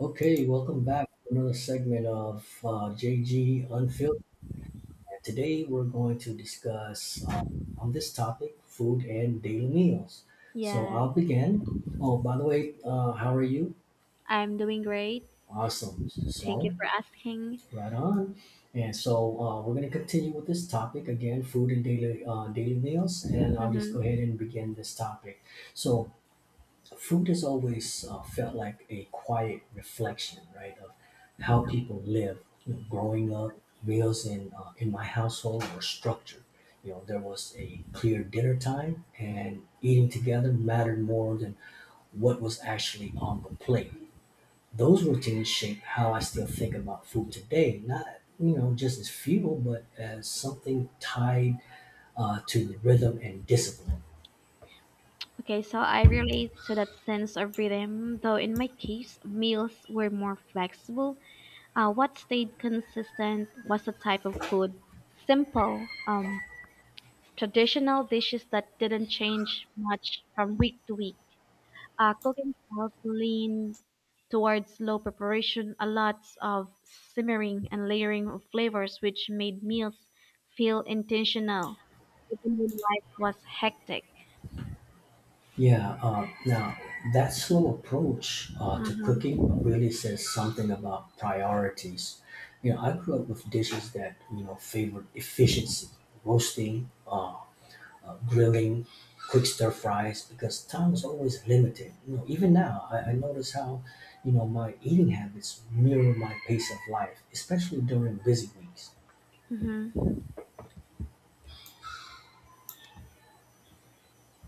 Okay, welcome back to another segment of JG Unfiltered. And Today we're going to discuss on this topic food and daily meals. So Yes, I'll begin. Oh, by the way, how are you? I'm doing great. Awesome. Thank you So, for asking. right on. And so we're going to continue with this topic again food and daily meals. And I'll just go hmm ahead and begin this topic. So, food has always felt like a quiet reflection, right, of how people live. You know, growing up, meals in my household were structured. You know, there was a clear dinner time, and eating together mattered more than what was actually on the plate. Those routines shape how I still think about food today. Not you know just as fuel, but as something tied to rhythm and discipline. Okay, so I relate to that sense of rhythm, though in my case, meals were more flexible. What stayed consistent was the type of food. Simple, traditional dishes that didn't change much from week to week. Cooking styles lean towards slow preparation, a lot of simmering and layering of flavors, which made meals feel intentional, even when life was hectic. Yeah, now that slow approach to Uh-huh. cooking really says something about priorities. You know, I grew up with dishes that, you know, favored efficiency, roasting, grilling, quick stir fries, because time was always limited. You know, even now, I notice how, you know, my eating habits mirror my pace of life, especially during busy weeks. hmm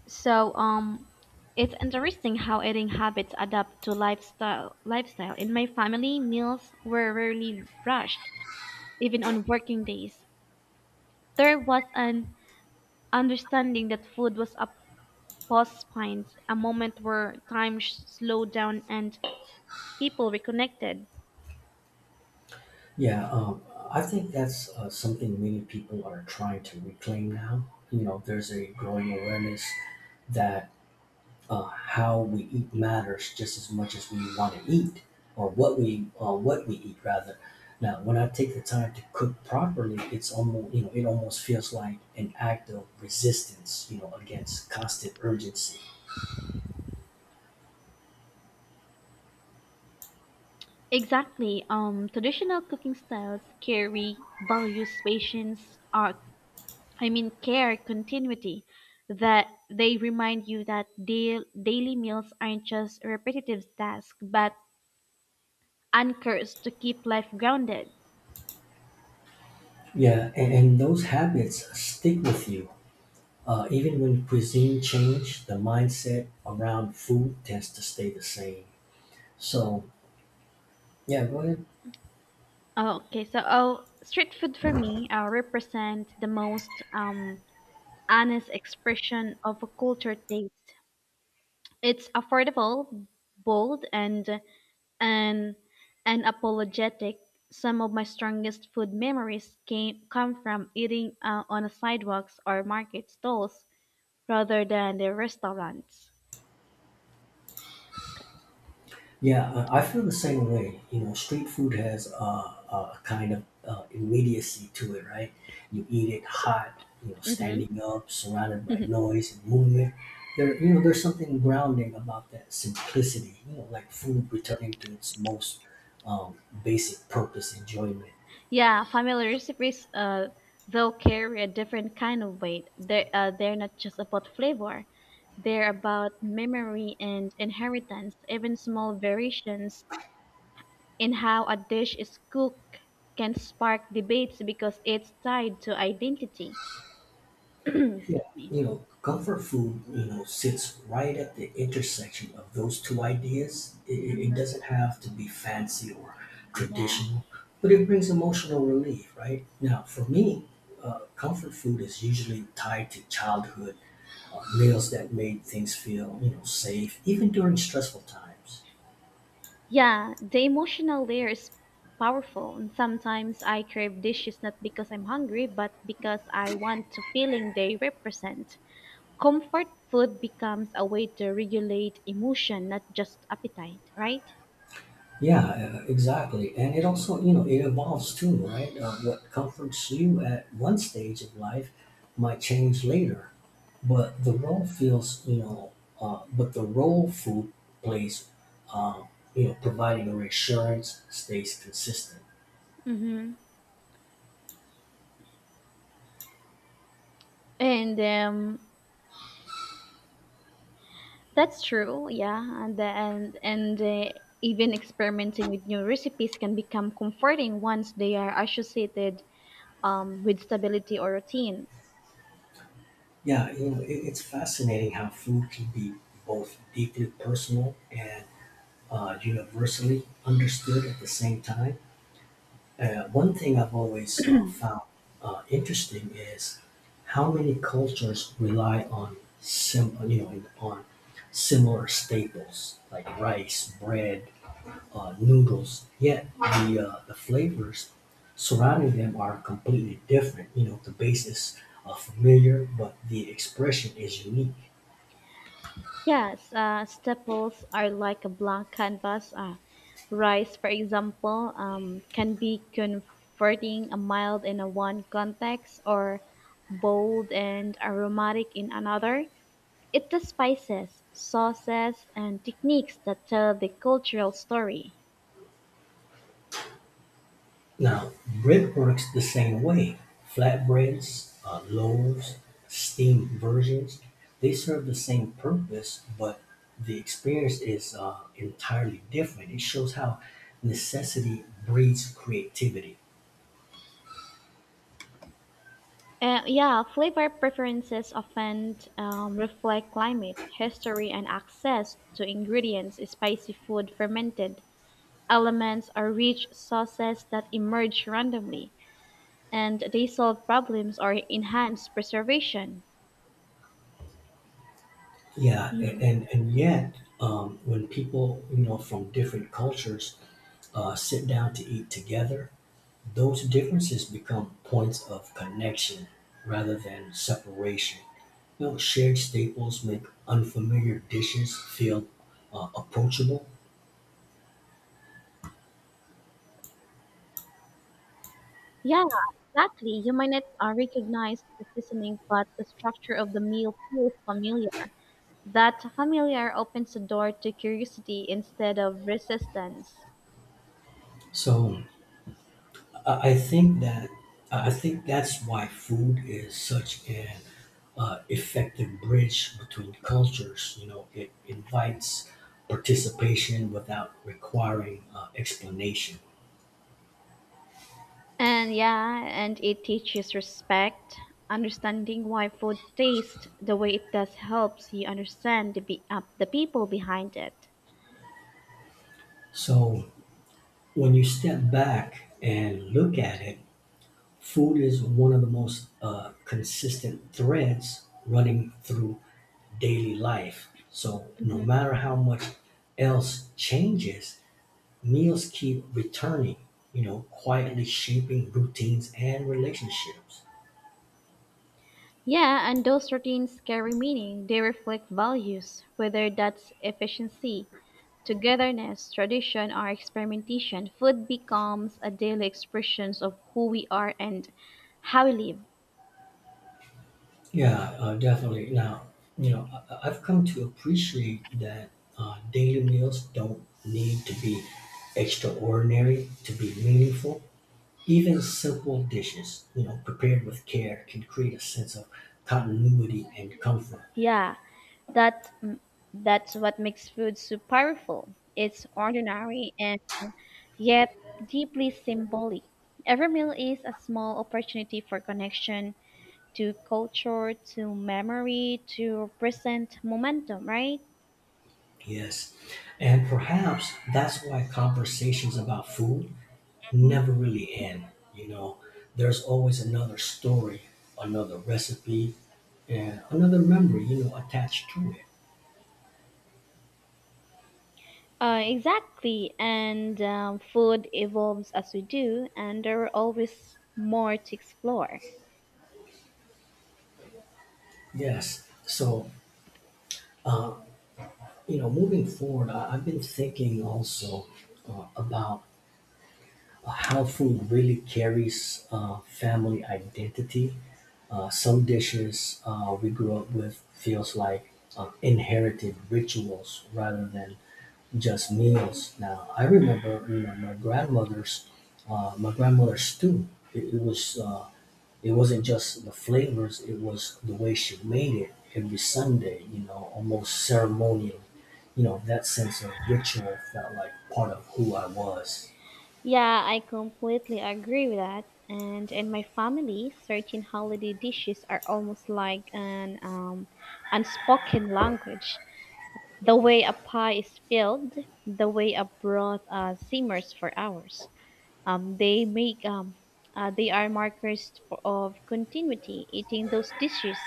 So, it's interesting how eating habits adapt to lifestyle. Lifestyle in my family, meals were rarely rushed, even on working days. There was an understanding that food was a Pause spines, a moment where time slowed down and people reconnected. Yeah, I think that's something many people are trying to reclaim now. You know, there's a growing awareness that how we eat matters just as much as we want to eat, or what we eat rather. Now, when I take the time to cook properly, it's almost you know it almost feels like an act of resistance, you know, against constant urgency. Exactly. Traditional cooking styles carry values, patience, I mean care, continuity. That they remind you that daily meals aren't just repetitive tasks, but anchors to keep life grounded. Yeah, and those habits stick with you. Even when cuisine change, the mindset around food tends to stay the same. So yeah, go ahead. Street food for me represents the most honest expression of a culture taste. It's affordable, bold, and and unapologetic. Some of my strongest food memories came come from eating on a sidewalks or market stalls rather than the restaurants. Yeah, I feel the same way. You know, street food has a kind of immediacy to it, right? You eat it hot, you know, hmm standing up, surrounded by noise and movement. There's something grounding about that simplicity. You know, like food returning to its most um, basic purpose, enjoyment. Yeah, family recipes, though, carry a different kind of weight. They're not just about flavor; they're about memory and inheritance. Even small variations in how a dish is cooked can spark debates because it's tied to identity. Excuse Yeah, me. you know, comfort food, you know, sits right at the intersection of those two ideas. It Mhm. doesn't have to be fancy or Yeah. traditional, but it brings emotional relief, right? Now, for me, comfort food is usually tied to childhood meals that made things feel, you know, safe, even during stressful times. Yeah, the emotional layer is powerful. And sometimes I crave dishes not because I'm hungry, but because I want the feeling they represent. Comfort food becomes a way to regulate emotion, not just appetite, right? Yeah, exactly. And it also, you know, it evolves too, right? What comforts you at one stage of life might change later, but the role feels, you know, but the role food plays, um, you know, providing a reassurance stays consistent. Mm-hmm. And that's true, yeah, and the- and even experimenting with new recipes can become comforting once they are associated with stability or routine. Yeah, you know, it's fascinating how food can be both deeply personal and universally understood at the same time. One thing I've always found interesting is how many cultures rely on on similar staples like rice, bread, noodles. Yet the flavors surrounding them are completely different. You know the base is familiar, but the expression is unique. Yes, staples are like a blank canvas. Rice, for example, can be converting a mild in a one context or bold and aromatic in another. It's the spices, sauces, and techniques that tell the cultural story. Now, bread works the same way. Flatbreads, loaves, steamed versions, they serve the same purpose, but the experience is entirely different. It shows how necessity breeds creativity. Yeah, flavor preferences often reflect climate, history, and access to ingredients. Spicy food fermented elements or rich sauces that emerge randomly, and they solve problems or enhance preservation. Yeah, a- Mhm. and and yet, when people you know from different cultures sit down to eat together, those differences become points of connection rather than separation. You know, shared staples make unfamiliar dishes feel approachable. Yeah, exactly. You might not recognize the seasoning, but the structure of the meal feels familiar. That familiar opens the door to curiosity instead of resistance. So I, I think that I think that's why food is such an effective bridge between cultures. You know, it invites participation without requiring explanation. And yeah, and it teaches respect. Understanding why food tastes the way it does helps you understand the people behind it. So when you step back and look at it, food is one of the most consistent threads running through daily life. So, no hmm matter how much else changes, meals keep returning, you know, quietly shaping routines and relationships. Yeah, and those routines carry meaning. They reflect values, whether that's efficiency, togetherness, tradition, or experimentation. Food becomes a daily expression of who we are and how we live. Yeah, definitely. Now, you know, I've come to appreciate that daily meals don't need to be extraordinary to be meaningful. Even simple dishes, you know, prepared with care can create a sense of continuity and comfort. Yeah, that, mm, that's what makes food so powerful. It's ordinary and yet deeply symbolic, every meal is a small opportunity for connection to culture, to memory, to present momentum, right? Yes. And perhaps that's why conversations about food never really end. You know, there's always another story, another recipe, and another memory, you know, attached to it. Exactly, and food evolves as we do, and there are always more to explore. Yes. So, you know, moving forward, I've been thinking also about how food really carries family identity. Some dishes we grew up with feels like inherited rituals rather than just meals. Now I remember, you know, my grandmother's stew. It, it was uh, it wasn't just the flavors; it was the way she made it every Sunday. You know, almost ceremonial. You know, that sense of ritual felt like part of who I was. Yeah, I completely agree with that. And in my family, certain holiday dishes are almost like an unspoken language. The way a pie is filled, the way a broth simmers for hours. Um, they make um, they are markers for, of continuity. Eating those dishes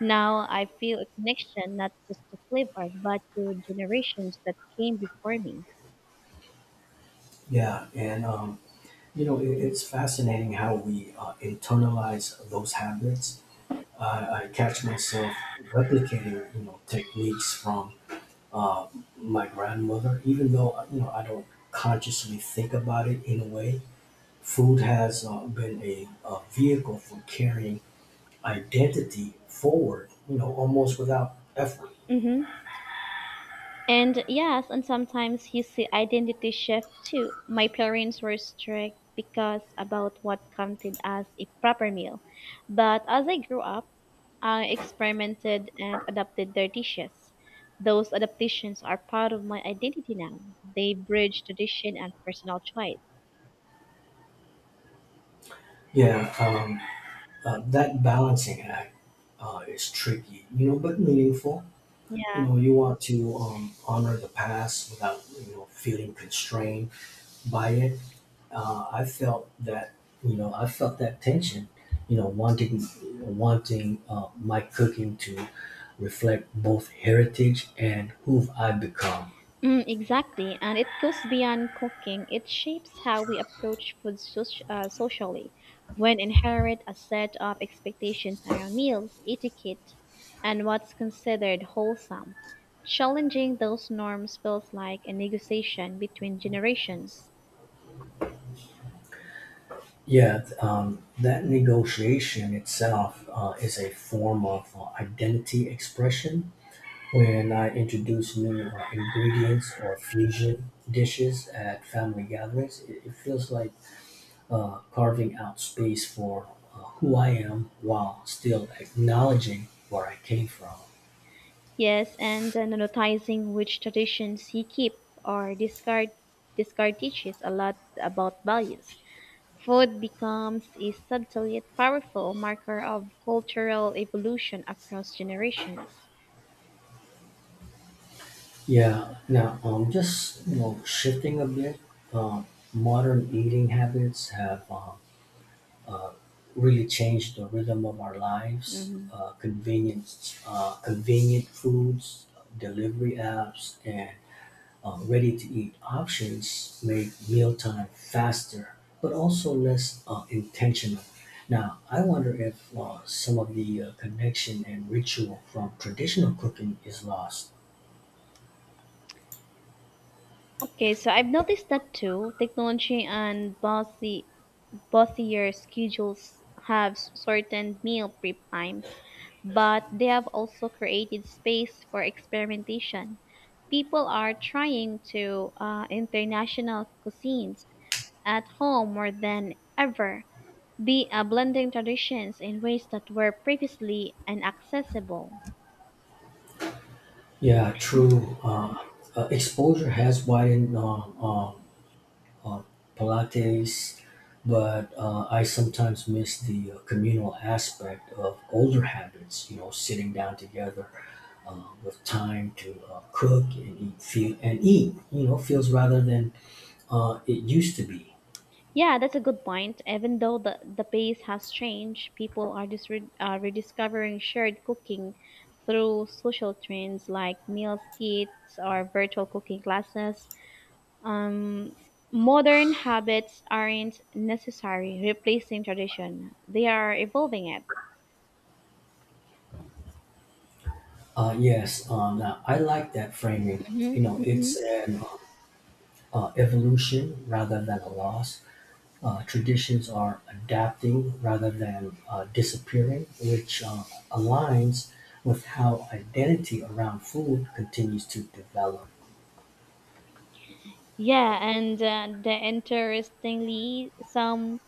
now, I feel a connection not just to flavor but to generations that came before me. Yeah, and you know, it's fascinating how we internalize those habits. I catch myself replicating, you know, techniques from uh, my grandmother, even though you know I don't consciously think about it in a way. Food has been a vehicle for carrying identity forward, you know, almost without effort. hmm And yes, and sometimes you see identity shift too. My parents were strict because about what counted as a proper meal. But as I grew up, I experimented and adapted their dishes. Those adaptations are part of my identity now. They bridge tradition and personal choice. Yeah, that balancing act is tricky, you know, but meaningful. You Yeah. know you want to honor the past without you know feeling constrained by it. Uh, i felt that you know i felt that tension, you know, wanting my cooking to reflect both heritage and who I've become. Mm, exactly, and it goes beyond cooking. It shapes how we approach socially. When inherit a set of expectations around meals, etiquette, and what's considered wholesome, challenging those norms feels like a negotiation between generations. That negotiation itself is a form of identity expression. When I introduce new ingredients or fusion dishes at family gatherings, it feels like carving out space for who I am while still acknowledging where I came from. Yes, and noticing which traditions you keep or discard teaches a lot about values. Food becomes a subtle yet powerful marker of cultural evolution across generations. Yeah, now just you know shifting a bit. Um, modern eating habits have uh, really changed the rhythm of our lives. hmm Uh, convenient foods, delivery apps, and ready-to-eat options make mealtime faster, but also less intentional. Now, I wonder if some of the connection and ritual from traditional cooking is lost. Okay, so I've noticed that too. Technology and bossier schedules have shortened meal prep times, but they have also created space for experimentation. People are trying to international cuisines at home more than ever. They are blending traditions in ways that were previously inaccessible. Yeah, true. Exposure has widened uh, Pilates, but I sometimes miss the communal aspect of older habits, you know, sitting down together with time to cook and eat, feel, and eat, you know, feels rather than it used to be. Yeah, that's a good point. Even though the pace has changed, people are rediscovering shared cooking through social trends like meal kits or virtual cooking classes. Um, Modern habits aren't necessary replacing tradition, they are evolving it. Yes, now I like that framing. hmm You know, hmm it's an evolution rather than a loss. Uh, traditions are adapting rather than disappearing, which aligns with how identity around food continues to develop. Yeah, and the interestingly, some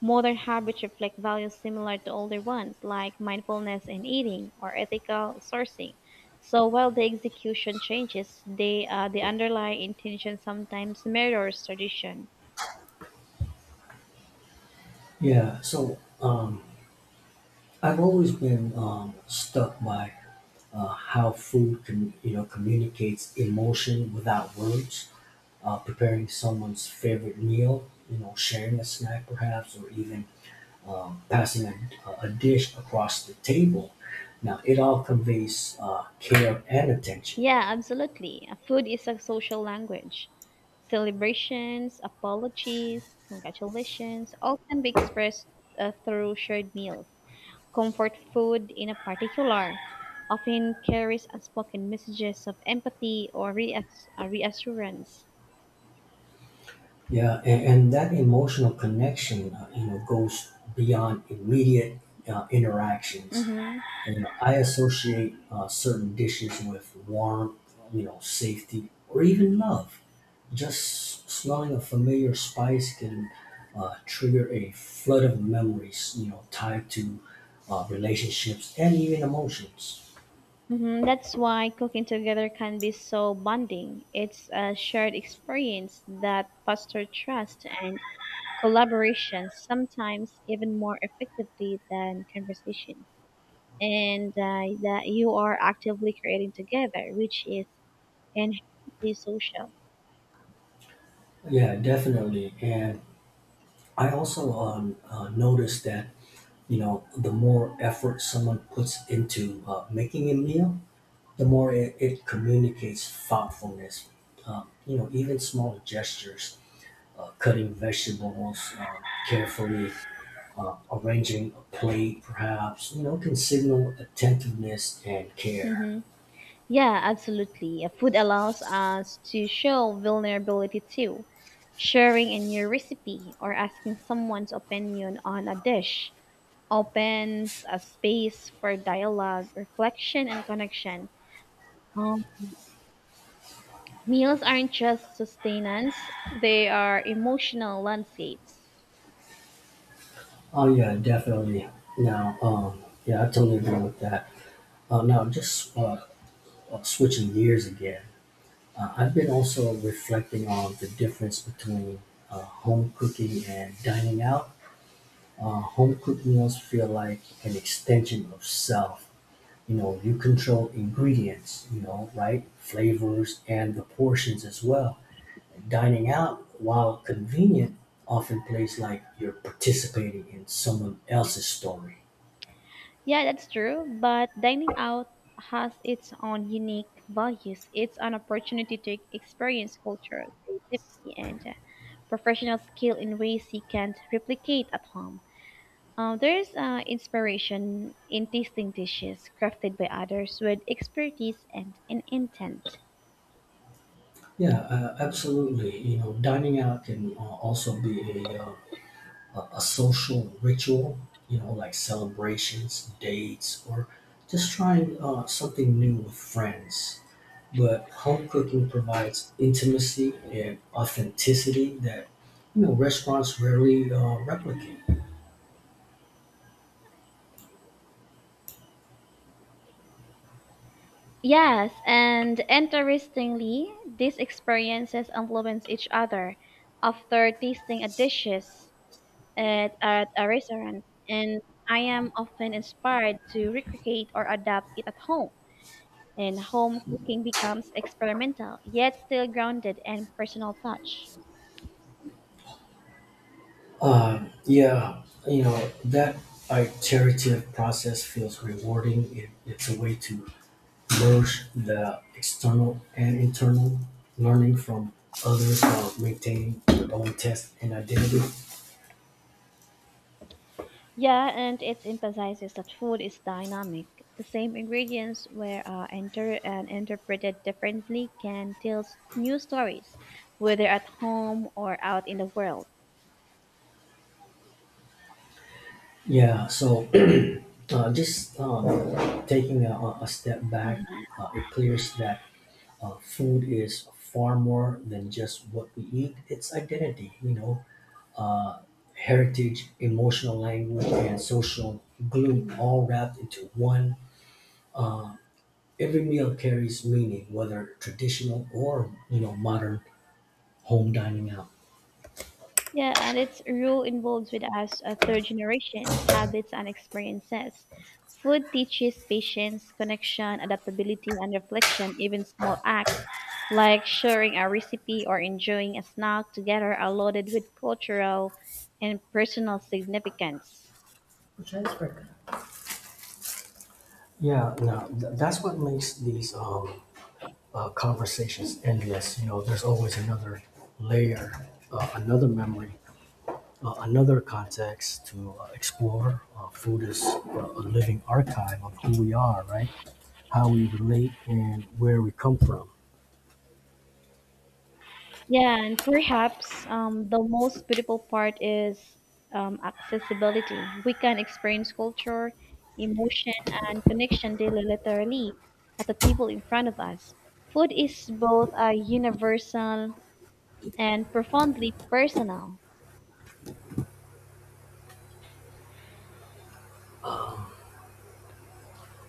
modern habits reflect values similar to older ones, like mindfulness in eating or ethical sourcing. So while the execution changes, the underlying intention sometimes mirrors tradition. Yeah, so I've always been stuck by how food can, you know, communicates emotion without words. Preparing someone's favorite meal, you know, sharing a snack perhaps, or even passing a dish across the table. Now, it all conveys care and attention. Yeah, absolutely. Food is a social language. Celebrations, apologies, congratulations, all can be expressed through shared meals. Comfort food, in a particular, often carries unspoken messages of empathy or reassurance. Yeah, and that emotional connection, you know, goes beyond immediate interactions. hmm You know, I associate certain dishes with warmth, you know, safety, or even love. Just smelling a familiar spice can trigger a flood of memories, you know, tied to relationships and even emotions. That's why cooking together can be so bonding. It's a shared experience that fosters trust and collaboration, sometimes even more effectively than conversation. And that you are actively creating together, which is inherently social. Yeah, definitely. And I also noticed that, you know, the more effort someone puts into making a meal, the more it communicates thoughtfulness. You know, even small gestures, cutting vegetables carefully, arranging a plate, perhaps, you know, can signal attentiveness and care. hmm Yeah, absolutely. Food allows us to show vulnerability too. Sharing a new recipe or asking someone's opinion on a dish opens a space for dialogue, reflection, and connection. Um, Meals aren't just sustenance, they are emotional landscapes. Oh, yeah, definitely. Now, yeah, I totally agree with that. Now, just switching gears again, I've been also reflecting on the difference between home cooking and dining out. Home cooked meals feel like an extension of self. You know, you control ingredients, you know, right? Flavors and the portions as well. Dining out, while convenient, often plays like you're participating in someone else's story. Yeah, that's true. But dining out has its own unique values. It's an opportunity to experience culture, creativity, and professional skill in ways you can't replicate at home. There's inspiration in tasting dishes crafted by others with expertise and an intent. Yeah, absolutely. You know, dining out can also be a, uh, a social ritual, you know, like celebrations, dates, or just trying something new with friends. But home cooking provides intimacy and authenticity that you know restaurants rarely replicate. Yes, and interestingly, these experiences influence each other. After tasting a dishes, at a restaurant, and I am often inspired to recreate or adapt it at home. And home cooking becomes experimental, yet still grounded and personal touch. Yeah, you know that iterative process feels rewarding. It's a way to merge the external and internal, learning from others while maintaining your own taste and identity. Yeah, and it emphasizes that food is dynamic. The same ingredients were enter and interpreted differently can tell new stories, whether at home or out in the world. Yeah, so just taking a step back, it clears that food is far more than just what we eat. It's identity, you know, uh, heritage, emotional language, and social glue all wrapped into one. Every meal carries meaning, whether traditional or you know modern, home, dining out. Yeah, and its rule involves with us third generations, habits and experiences. Food teaches patience, connection, adaptability, and reflection. Even small acts like sharing a recipe or enjoying a snack together are loaded with cultural and personal significance. Correct. Yeah, no, th- That's what makes these conversations endless. You know, there's always another layer, another memory, another context to explore. Food is a living archive of who we are, right? How we relate and where we come from. Yeah, and perhaps the most beautiful part is accessibility. We can experience culture, emotion, and connection daily, literally, at the table in front of us. Food is both a universal and profoundly personal.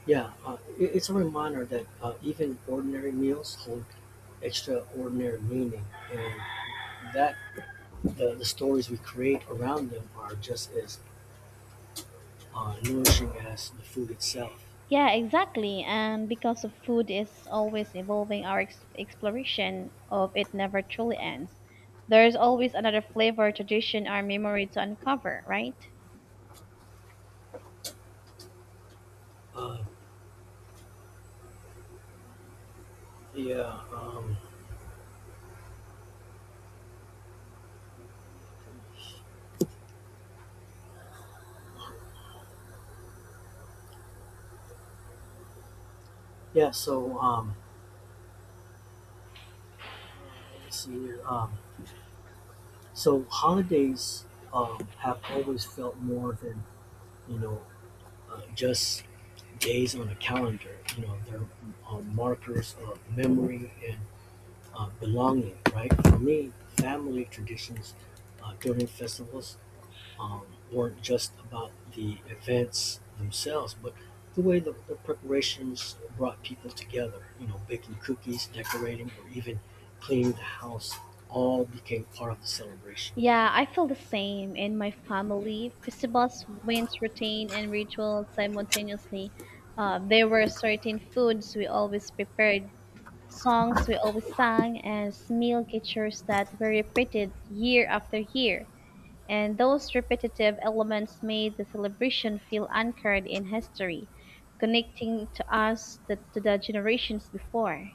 Yeah, it's a reminder that even ordinary meals hold extraordinary meaning, and that the stories we create around them are just as nourishing as the food itself. Yeah, exactly. And because of food is always evolving, our exploration of it never truly ends. There is always another flavor, tradition, or memory to uncover, right? Uh, yeah, yeah. So let's see here. So holidays have always felt more than you know just days on a calendar. You know, they're markers of memory and belonging. Right? For me, family traditions during festivals um, weren't just about the events themselves, but the way the preparations brought people together. You know, baking cookies, decorating, or even cleaning the house all became part of the celebration. Yeah, I feel the same. In my family, festivals, went routine, and rituals simultaneously. There were certain foods we always prepared, songs we always sang, and meal gestures that were repeated year after year. And those repetitive elements made the celebration feel anchored in history, connecting to us, the, to the generations before.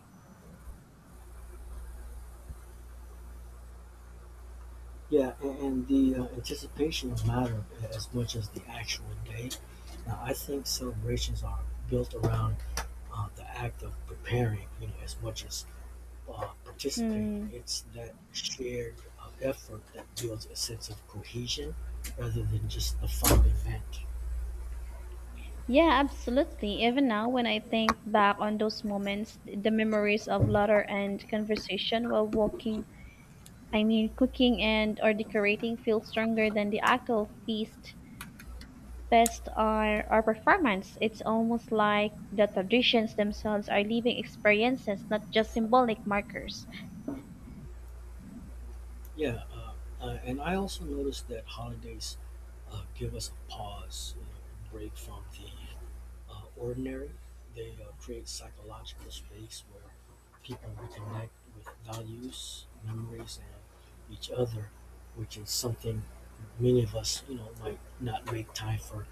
Yeah, and the anticipation mattered as much as the actual date. Now, I think celebrations are built around the act of preparing, you know, as much as participating. Hmm. It's that shared effort that builds a sense of cohesion rather than just a fun event. Yeah, absolutely. Even now, when I think back on those moments, the memories of laughter and conversation while walking, I mean, cooking and or decorating feel stronger than the actual feast, or performance. It's almost like the traditions themselves are living experiences, not just symbolic markers. Yeah, and I also noticed that holidays give us a pause, you know, a break from the ordinary. They create psychological space where people reconnect with values, memories, and each other, which is something many of us, you know, might not make time for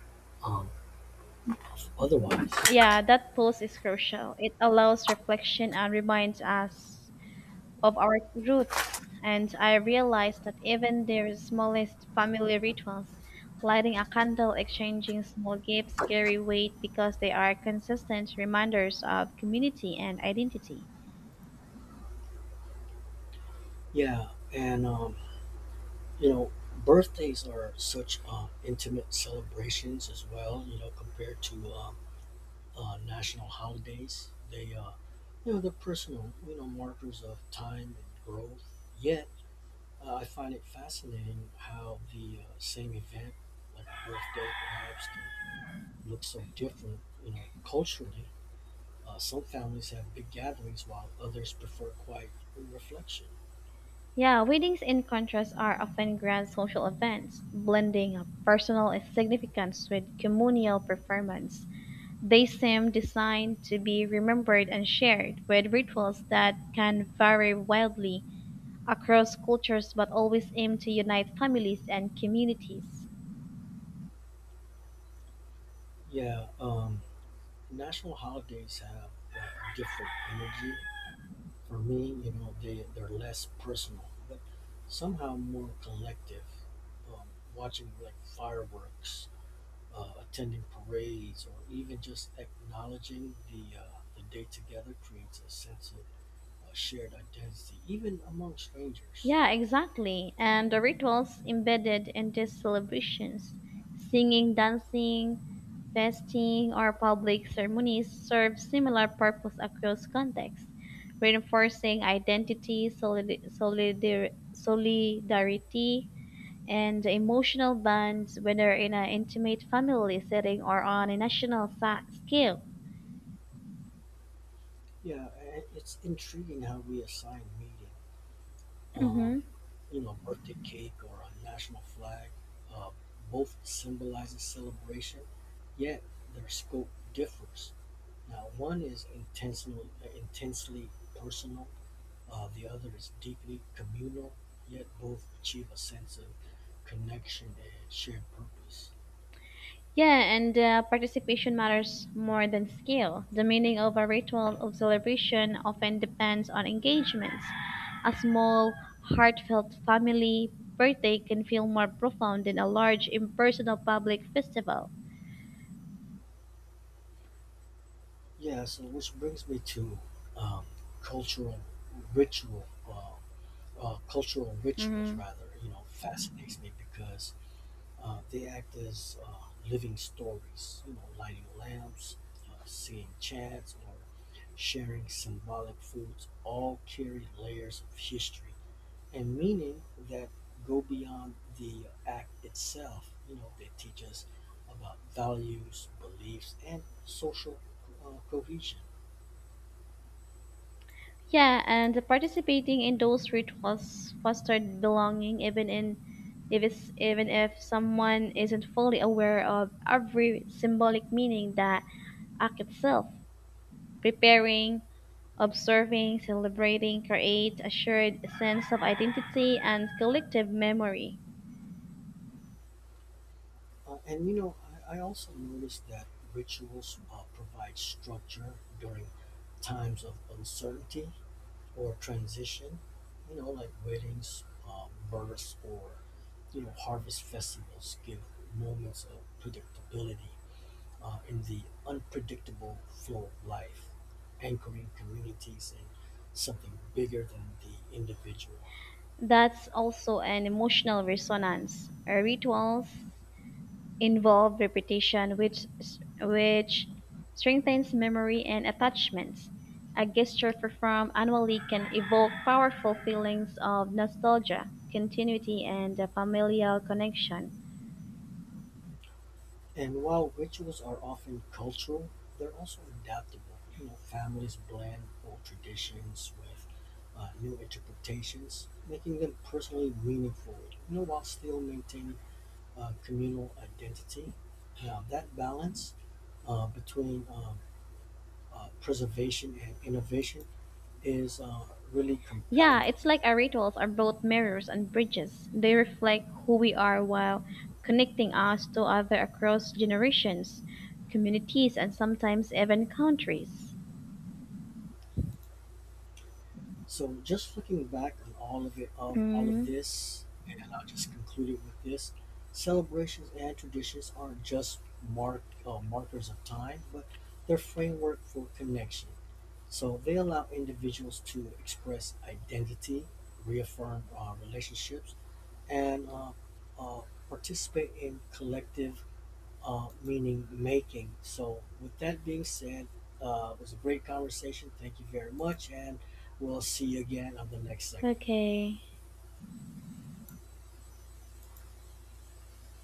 um, Yes. otherwise. Yeah, that pulse is crucial. It allows reflection and reminds us of our roots, and I realized that even their smallest family rituals, lighting a candle, exchanging small gifts, carry weight because they are consistent reminders of community and identity. Yeah, and you know, birthdays are such intimate celebrations as well. You know, compared to national holidays, they're personal. You know, markers of time and growth. Yet I find it fascinating how the same event, like a birthday perhaps, can look so different, you know, culturally. Some families have big gatherings while others prefer quiet reflection. Yeah, weddings, in contrast, are often grand social events, blending a personal significance with communal performance. They seem designed to be remembered and shared, with rituals that can vary wildly across cultures but always aim to unite families and communities. Yeah, national holidays have a different energy. For me, you know, they're less personal, but somehow more collective. Um, watching like fireworks, attending parades, or even just acknowledging the day together creates a sense of shared identity, even among strangers. Yeah, exactly. And the rituals embedded in these celebrations, singing, dancing, fasting, or public ceremonies serve similar purpose across contexts, reinforcing identity, solidarity, and the emotional bonds, whether in an intimate family setting or on a national scale. It's intriguing how we assign meaning. Um, Mhm. you know, birthday cake or a national flag, uh, both symbolizes celebration, yet their scope differs. Now, one is intensely personal, the other is deeply communal, yet both achieve a sense of connection and shared purpose. Yeah, and participation matters more than scale. The meaning of a ritual of celebration often depends on engagements. A small, heartfelt family birthday can feel more profound than a large, impersonal public festival. Yeah, so which brings me to um, cultural ritual, uh, cultural rituals hmm rather, you know, fascinates me because they act as living stories, you know, lighting lamps, singing chants, or sharing symbolic foods all carry layers of history and meaning that go beyond the act itself. You know, they teach us about values, beliefs, and social cohesion. Yeah, and participating in those rituals fostered belonging, even in if it's, even if someone isn't fully aware of every symbolic meaning that act itself. Preparing Observing, celebrating create a shared sense of identity and collective memory. And you know, I also noticed that rituals provide structure during times of uncertainty or transition, you know, like weddings, births, or you know, harvest festivals give moments of predictability in the unpredictable flow of life, anchoring communities in something bigger than the individual. That's also an emotional resonance. Our rituals involve repetition, which strengthens memory and attachments. A gesture performed annually can evoke powerful feelings of nostalgia, continuity, and a familial connection. And while rituals are often cultural, they're also adaptable. You know, families blend old traditions with new interpretations, making them personally meaningful, you know, while still maintaining communal identity. That balance between preservation and innovation is really Yeah, compelling. it's like our rituals are both mirrors and bridges. They reflect who we are while connecting us to other across generations, communities, and sometimes even countries. So just looking back on all of it, of all of Mm, this, and I'll just conclude it with this: celebrations and traditions aren't just markers of time, but they're framework for connection. So they allow individuals to express identity, reaffirm relationships, and uh, participate in collective meaning making. So, with that being said, it was a great conversation. Thank you very much, and we'll see you again on the next segment. okay.